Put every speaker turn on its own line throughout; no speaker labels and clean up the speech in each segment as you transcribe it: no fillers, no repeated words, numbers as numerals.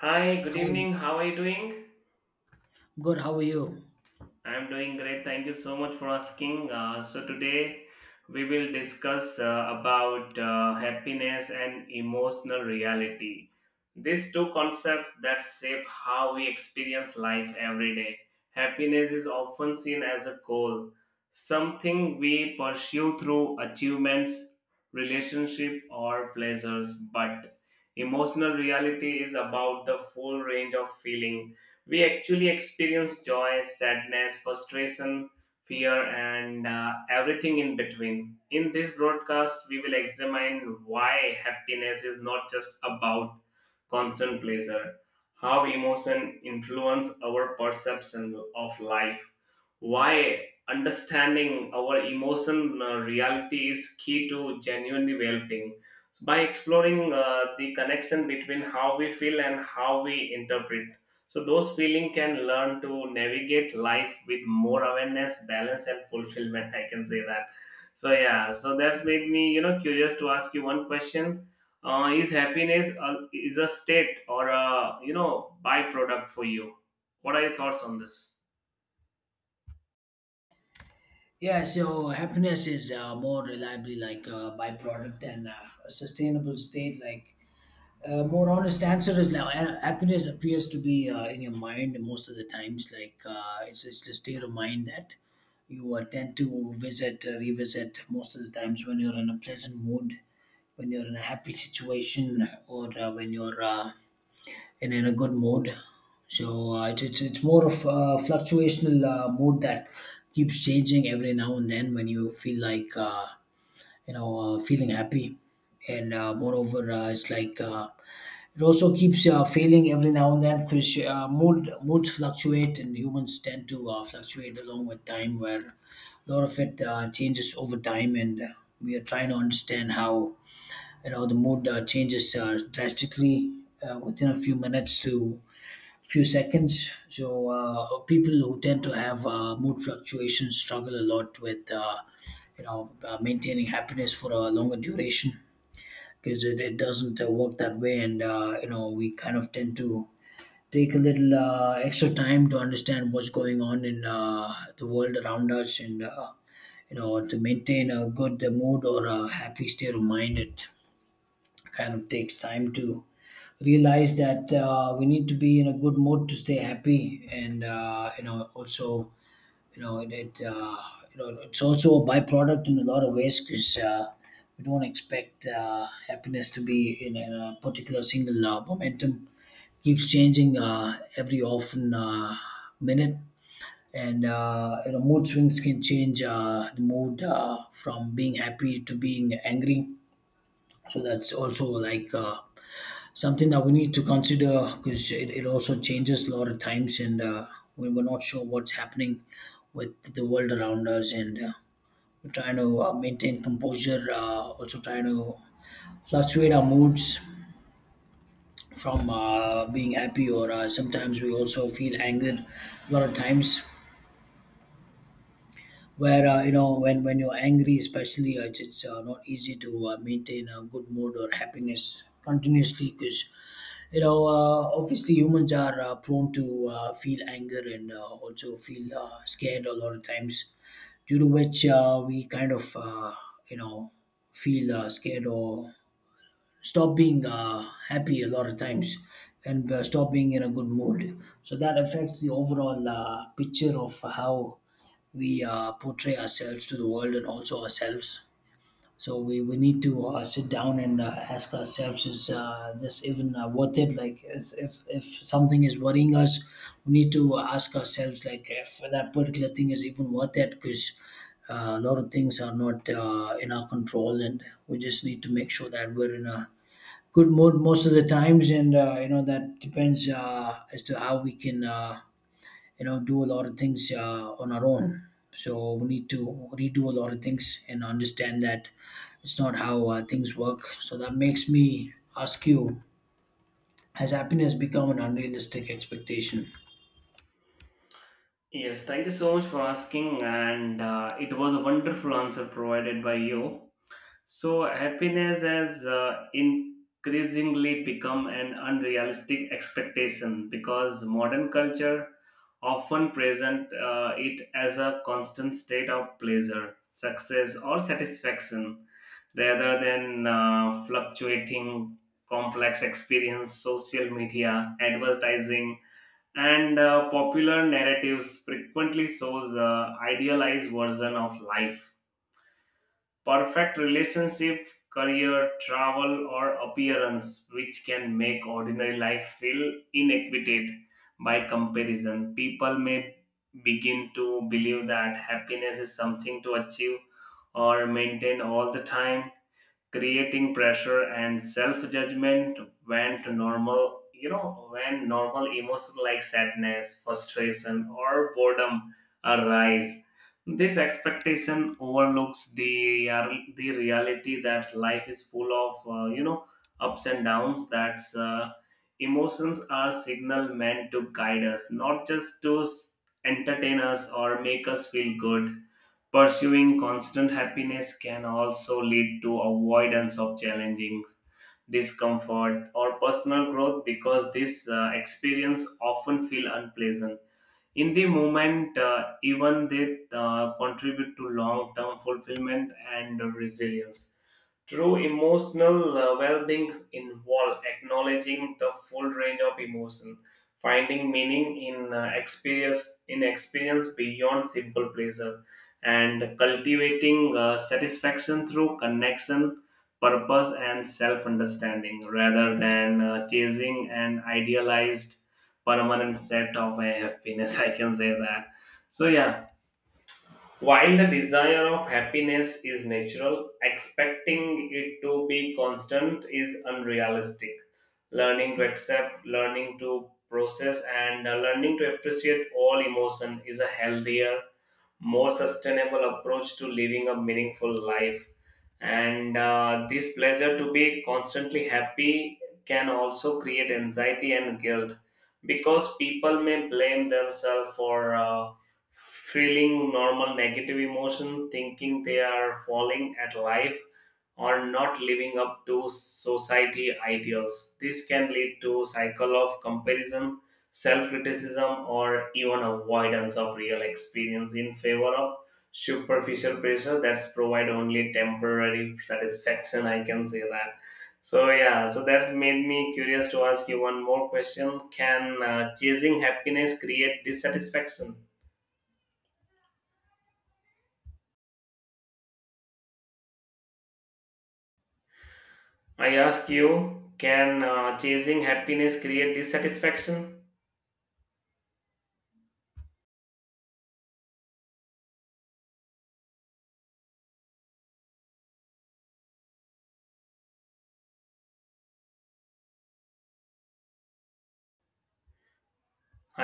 Hi, good
Hi,
evening. How are you doing?
good. How are you?
I'm doing great. Thank you so much for asking. Today we will discuss about happiness and emotional reality. These two concepts that shape how we experience life every day. Happiness is often seen as a goal, something we pursue through achievements, relationship, or pleasures. But emotional reality is about the full range of feeling we actually experience joy, sadness, frustration, fear, and everything in between. In this broadcast, we will examine why happiness is not just about constant pleasure, how emotion influence our perception of life, why understanding our emotion reality is key to genuine well-being. So, by exploring the connection between how we feel and how we interpret so those feeling can learn to navigate life with more awareness, balance, and fulfillment. I can say that. So yeah, so that's made me curious to ask you one question. Uh, is a state or a byproduct for you? What are your thoughts on this?
Yeah, so happiness is more reliably like a byproduct and a sustainable state. More honest answer is like happiness appears to be in your mind most of the times. It's just a state of mind that you tend to visit, revisit most of the times when you're in a pleasant mood, when you're in a happy situation, or when you're and in a good mood. So it's more of a fluctuational mood that keeps changing every now and then when you feel like you know feeling happy, and moreover it's it also keeps failing every now and then because moods fluctuate and humans tend to fluctuate along with time where a lot of it changes over time and we are trying to understand how the mood changes drastically within a few minutes to few seconds. So people who tend to have mood fluctuations struggle a lot with maintaining happiness for a longer duration because it doesn't work that way, and we kind of tend to take a little extra time to understand what's going on in the world around us and. To maintain a good mood or a happy state of mind, it kind of takes time to realize that we need to be in a good mood to stay happy and you know also you know it, it you know it's also a byproduct in a lot of ways because we don't expect happiness to be in a particular single momentum keeps changing every often minute and mood swings can change the mood from being happy to being angry, so that's also something that we need to consider because it also changes a lot of times and we're not sure what's happening with the world around us and we're trying to maintain composure, also trying to fluctuate our moods from being happy or sometimes we also feel anger a lot of times where when you're angry especially it's not easy to maintain a good mood or happiness continuously because you know, obviously humans are prone to feel anger and also feel scared a lot of times, due to which we kind of, you know, feel scared or stop being happy a lot of times and stop being in a good mood. So that affects the overall picture of how we portray ourselves to the world and also ourselves, so we need to sit down and ask ourselves: is this even worth it? Like, is, if something is worrying us, we need to ask ourselves like if that particular thing is even worth it, because a lot of things are not in our control, and we just need to make sure that we're in a good mood most of the times, and that depends as to how we can do a lot of things on our own, so we need to redo a lot of things and understand that it's not how things work. So that makes me ask you, has happiness become an unrealistic expectation?
Yes, thank you so much for asking, and it was a wonderful answer provided by you. So, happiness has increasingly become an unrealistic expectation because modern culture often present it as a constant state of pleasure, success, or satisfaction rather than fluctuating complex experience. Social media, advertising, and popular narratives frequently shows idealized version of life perfect relationship, career, travel, or appearance, which can make ordinary life feel inequitate by comparison. People may begin to believe that happiness is something to achieve or maintain all the time, creating pressure and self-judgment went to normal you know when normal emotions like sadness, frustration, or boredom arise. This expectation overlooks the reality that life is full of, uh, you know, ups and downs. That's Emotions are signal meant to guide us, not just to entertain us or make us feel good. Pursuing constant happiness can also lead to avoidance of challenging discomfort or personal growth because this experience often feel unpleasant in the moment, even they contribute to long term fulfillment and resilience. True emotional well-being involves acknowledging the full range of emotion, finding meaning in experience beyond simple pleasure, and cultivating satisfaction through connection, purpose, and self-understanding, rather than chasing an idealized permanent set of happiness. I can say that. So yeah, while the desire of happiness is natural, expecting it to be constant is unrealistic. Learning to accept, learning to process, and learning to appreciate all emotion is a healthier, more sustainable approach to living a meaningful life. And this pleasure to be constantly happy can also create anxiety and guilt because people may blame themselves for feeling normal negative emotion, thinking they are falling at life or not living up to society ideals. This can lead to cycle of comparison, self criticism, or even avoidance of real experience in favor of superficial pressure that's provide only temporary satisfaction. I can say that. So yeah, so that's made me curious to ask you one more question. Can chasing happiness create dissatisfaction I ask you can chasing happiness create dissatisfaction?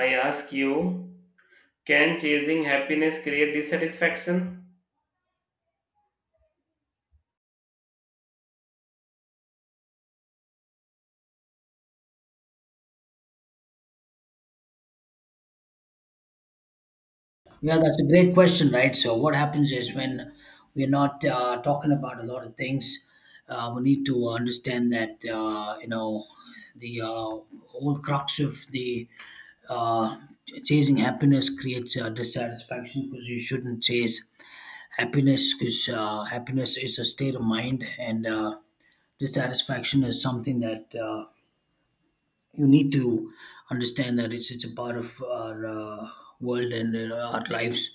I ask you Can chasing happiness create dissatisfaction?
Yeah, that's a great question, right? So what happens is when we're not talking about a lot of things, we need to understand that you know the whole crux of the uh, chasing happiness creates dissatisfaction because you shouldn't chase. Happiness is a state of mind, and dissatisfaction is something that you need to understand that it's a part of our world and our lives.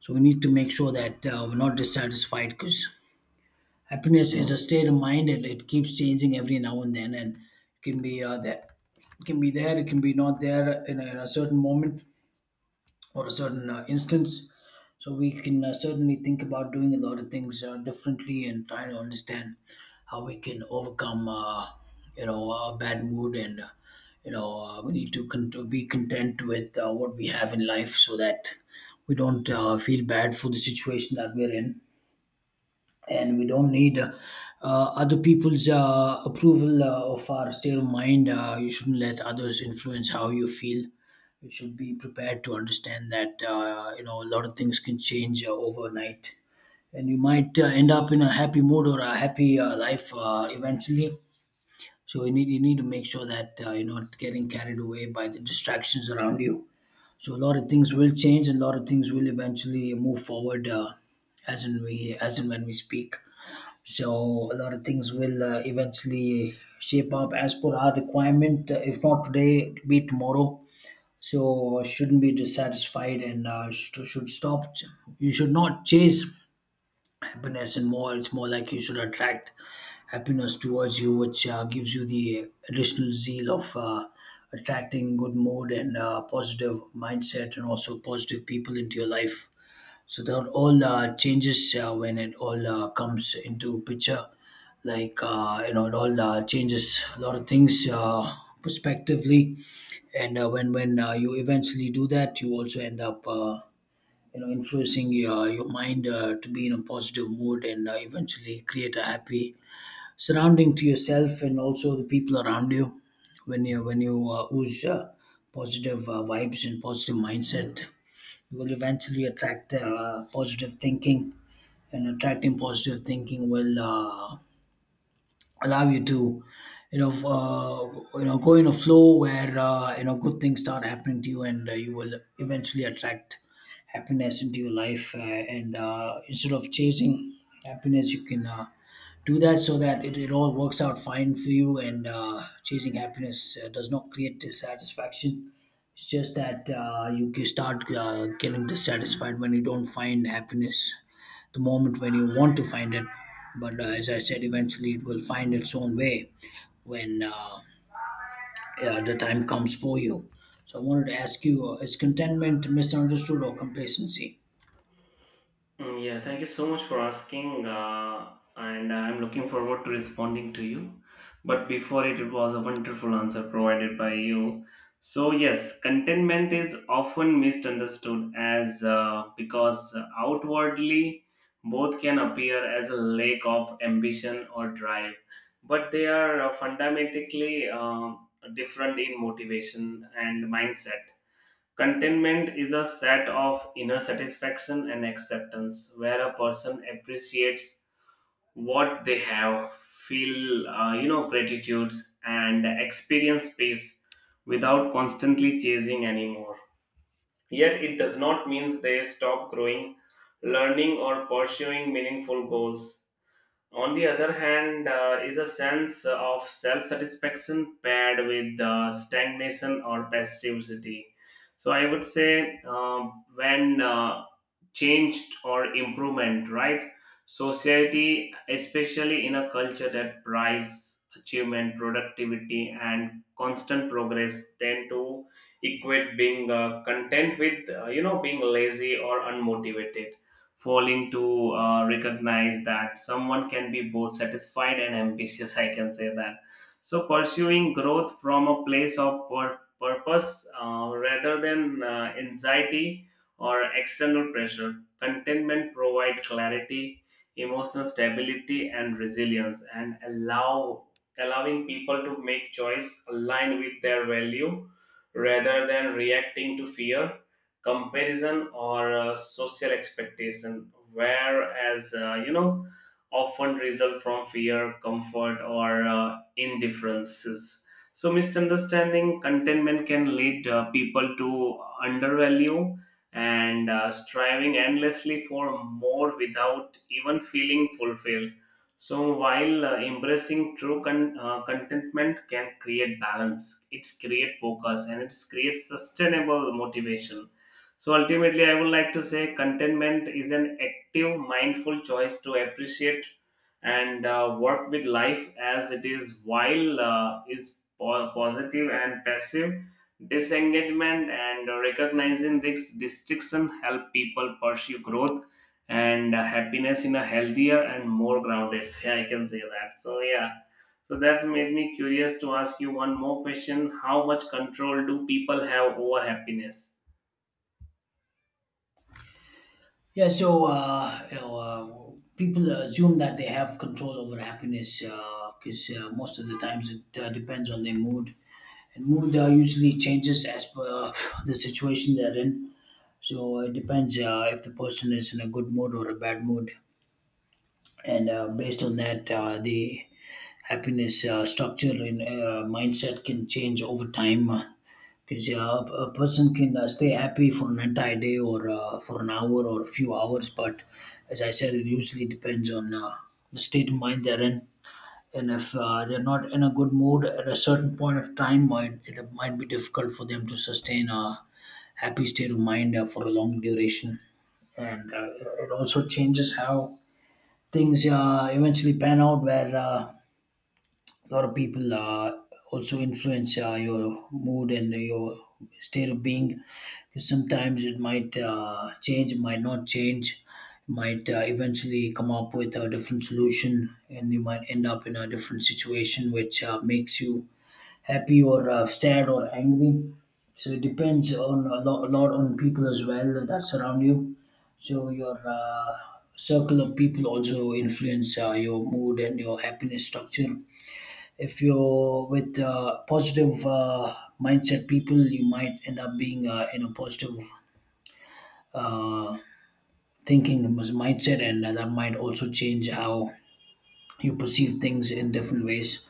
So we need to make sure that we're not dissatisfied because happiness is a state of mind and it keeps changing every now and then, and it can be it can be there, it can be not there in a certain moment or a certain instance. So we can certainly think about doing a lot of things differently and trying to understand how we can overcome a bad mood, and we need to be content with what we have in life so that we don't feel bad for the situation that we're in, and we don't need other people's approval of our state of mind. You shouldn't let others influence how you feel. You should be prepared to understand that a lot of things can change overnight, and you might end up in a happy mood or a happy life eventually. So you need to make sure that you're not getting carried away by the distractions around you. So a lot of things will change, and a lot of things will eventually move forward as in we as and when we speak, so a lot of things will eventually shape up as per our requirement, if not today it'll be tomorrow. So shouldn't be dissatisfied, and should stop. You should not chase happiness, and more it's more like you should attract happiness towards you, which gives you the additional zeal of attracting good mood and positive mindset and also positive people into your life. So that all changes when it all comes into picture. It all changes a lot of things prospectively, and when you eventually do that, you also end up influencing your mind to be in a positive mood and eventually create a happy surrounding to yourself and also the people around you. When you ooze positive vibes and positive mindset, will eventually attract positive thinking, and attracting positive thinking will allow you to go in a flow where good things start happening to you, and you will eventually attract happiness into your life, and instead of chasing happiness you can do that so that it all works out fine for you, and chasing happiness does not create dissatisfaction. It's just that you can start getting dissatisfied when you don't find happiness the moment when you want to find it. But as I said, eventually it will find its own way when the time comes for you. So I wanted to ask you: is contentment misunderstood or complacency?
Mm. Yeah, thank you so much for asking, and I'm looking forward to responding to you. But before it was a wonderful answer provided by you. So yes, contentment is often misunderstood as because outwardly both can appear as a lack of ambition or drive, but they are fundamentally different in motivation and mindset. Contentment is a set of inner satisfaction and acceptance where a person appreciates what they have, feel, gratitudes, and experience peace without constantly chasing anymore. Yet it does not mean they stop growing, learning, or pursuing meaningful goals. On the other hand, is a sense of self satisfaction paired with stagnation or passivity. So I would say when changed or improvement, right? Society, especially in a culture that prize achievement, productivity, and constant progress, tend to equate being content with, being lazy or unmotivated, falling to recognize that someone can be both satisfied and ambitious. I can say that. So pursuing growth from a place of purpose, rather than anxiety or external pressure, contentment provide clarity, emotional stability, and resilience, and allowing people to make choice aligned with their value rather than reacting to fear, comparison, or social expectation, whereas, often result from fear, comfort, or indifferences. So misunderstanding contentment can lead people to undervalue and striving endlessly for more without even feeling fulfilled. So while embracing true contentment can create balance, it's create focus, and it's create sustainable motivation. So ultimately, I would like to say contentment is an active, mindful choice to appreciate and work with life as it is, while positive and passive disengagement, and recognizing this distinction help people pursue growth and happiness in a healthier and more grounded. Yeah, I can say that. So yeah. So that's made me curious to ask you one more question. How much control do people have over happiness?
Yeah, so people assume that they have control over happiness because most of the times it depends on their mood. And mood usually changes as per the situation they're in. So it depends if the person is in a good mood or a bad mood. And based on that, the happiness structure and mindset can change over time. Because a person can stay happy for an entire day or for an hour or a few hours. But as I said, it usually depends on the state of mind they're in, and if they're not in a good mood at a certain point of time, might it might be difficult for them to sustain a happy state of mind for a long duration. And it also changes how things eventually pan out, where a lot of people also influence your mood and your state of being, because sometimes it might change, it might not change, it might eventually come up with a different solution, and you might end up in a different situation which makes you happy or sad or angry. So it depends on a lot on people as well that surround you. So your circle of people also influence your mood and your happiness structure. If you're with positive mindset people, you might end up being in a positive uh, thinking mindset, and that might also change how you perceive things in different ways,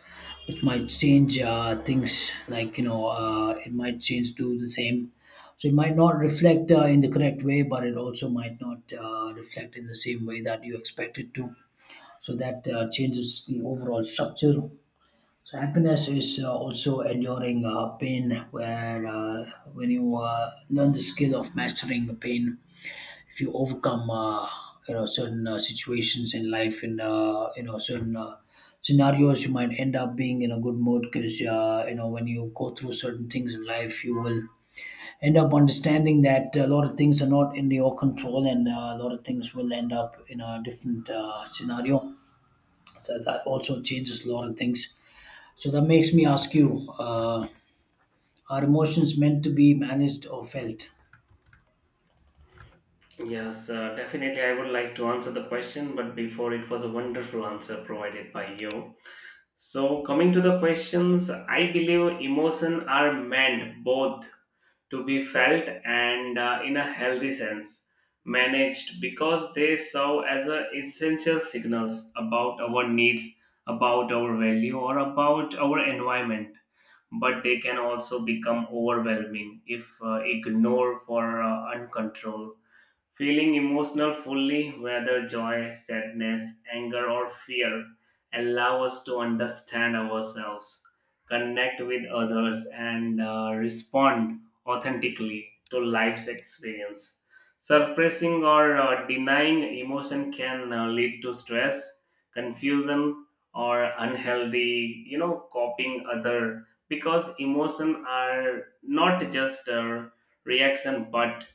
which might change things like it might change to the same. So it might not reflect in the correct way, but it also might not reflect in the same way that you expect it to. So that changes the overall structure. So happiness is also enduring pain, where when you learn the skill of mastering the pain, if you overcome certain situations in life and certain scenarios, you might end up being in a good mood because when you go through certain things in life, you will end up understanding that a lot of things are not in your control, and a lot of things will end up in a different scenario. So that also changes a lot of things. So that makes me ask you, are emotions meant to be managed or felt?
Yes, definitely. I would like to answer the question, but before it was a wonderful answer provided by you. So, coming to the questions, I believe emotions are meant both to be felt and, in a healthy sense, managed because they serve as a essential signals about our needs, about our value, or about our environment. But they can also become overwhelming if ignored for uncontrolled. Feeling emotional fully, whether joy, sadness, anger, or fear, allow us to understand ourselves, connect with others, and respond authentically to life's experience. Suppressing or denying emotion can lead to stress, confusion, or unhealthy, you know, coping other, because emotion are not just a reaction but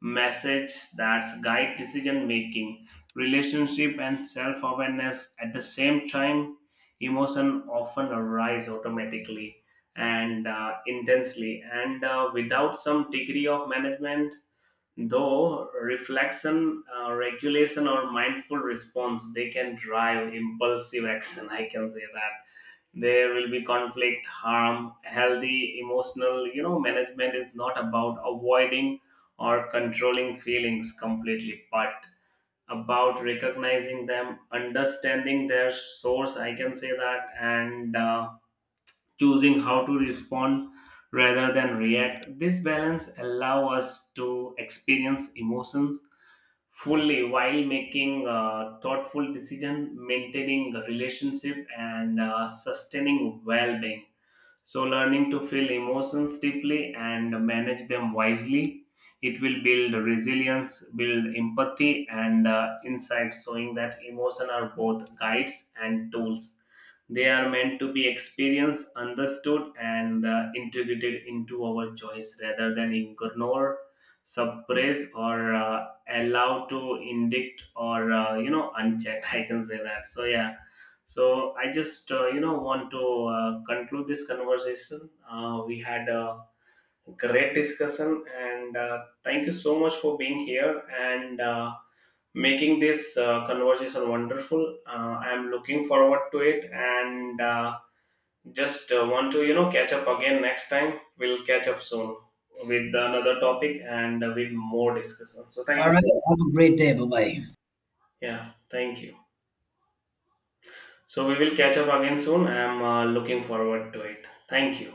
message that's guide decision making, relationship, and self-awareness at the same time. Emotion often arise automatically and intensely, and without some degree of management. Though reflection, regulation, or mindful response, they can drive impulsive action. I can say that there will be conflict harm healthy emotional, you know, management is not about avoiding or controlling feelings completely, but about recognizing them, understanding their source. I can say that, and choosing how to respond rather than react. This balance allows us to experience emotions fully while making thoughtful decisions, maintaining the relationship, and sustaining well-being. So, learning to feel emotions deeply and manage them wisely. It will build resilience, build empathy, and insight, showing that emotions are both guides and tools. They are meant to be experienced, understood, and integrated into our choice rather than ignore, suppress, or allow to indict or unchecked. I can say that. So yeah. So I just, want to conclude this conversation. We had a great discussion, and thank you so much for being here. And making this conversation wonderful. I am looking forward to it, and just want to, you know, catch up again next time. We'll catch up soon with another topic and with more discussion. So thank
All
you
right,
so much.
have a great day. Bye bye.
Yeah, thank you. So we will catch up again soon. I am looking forward to it. Thank you.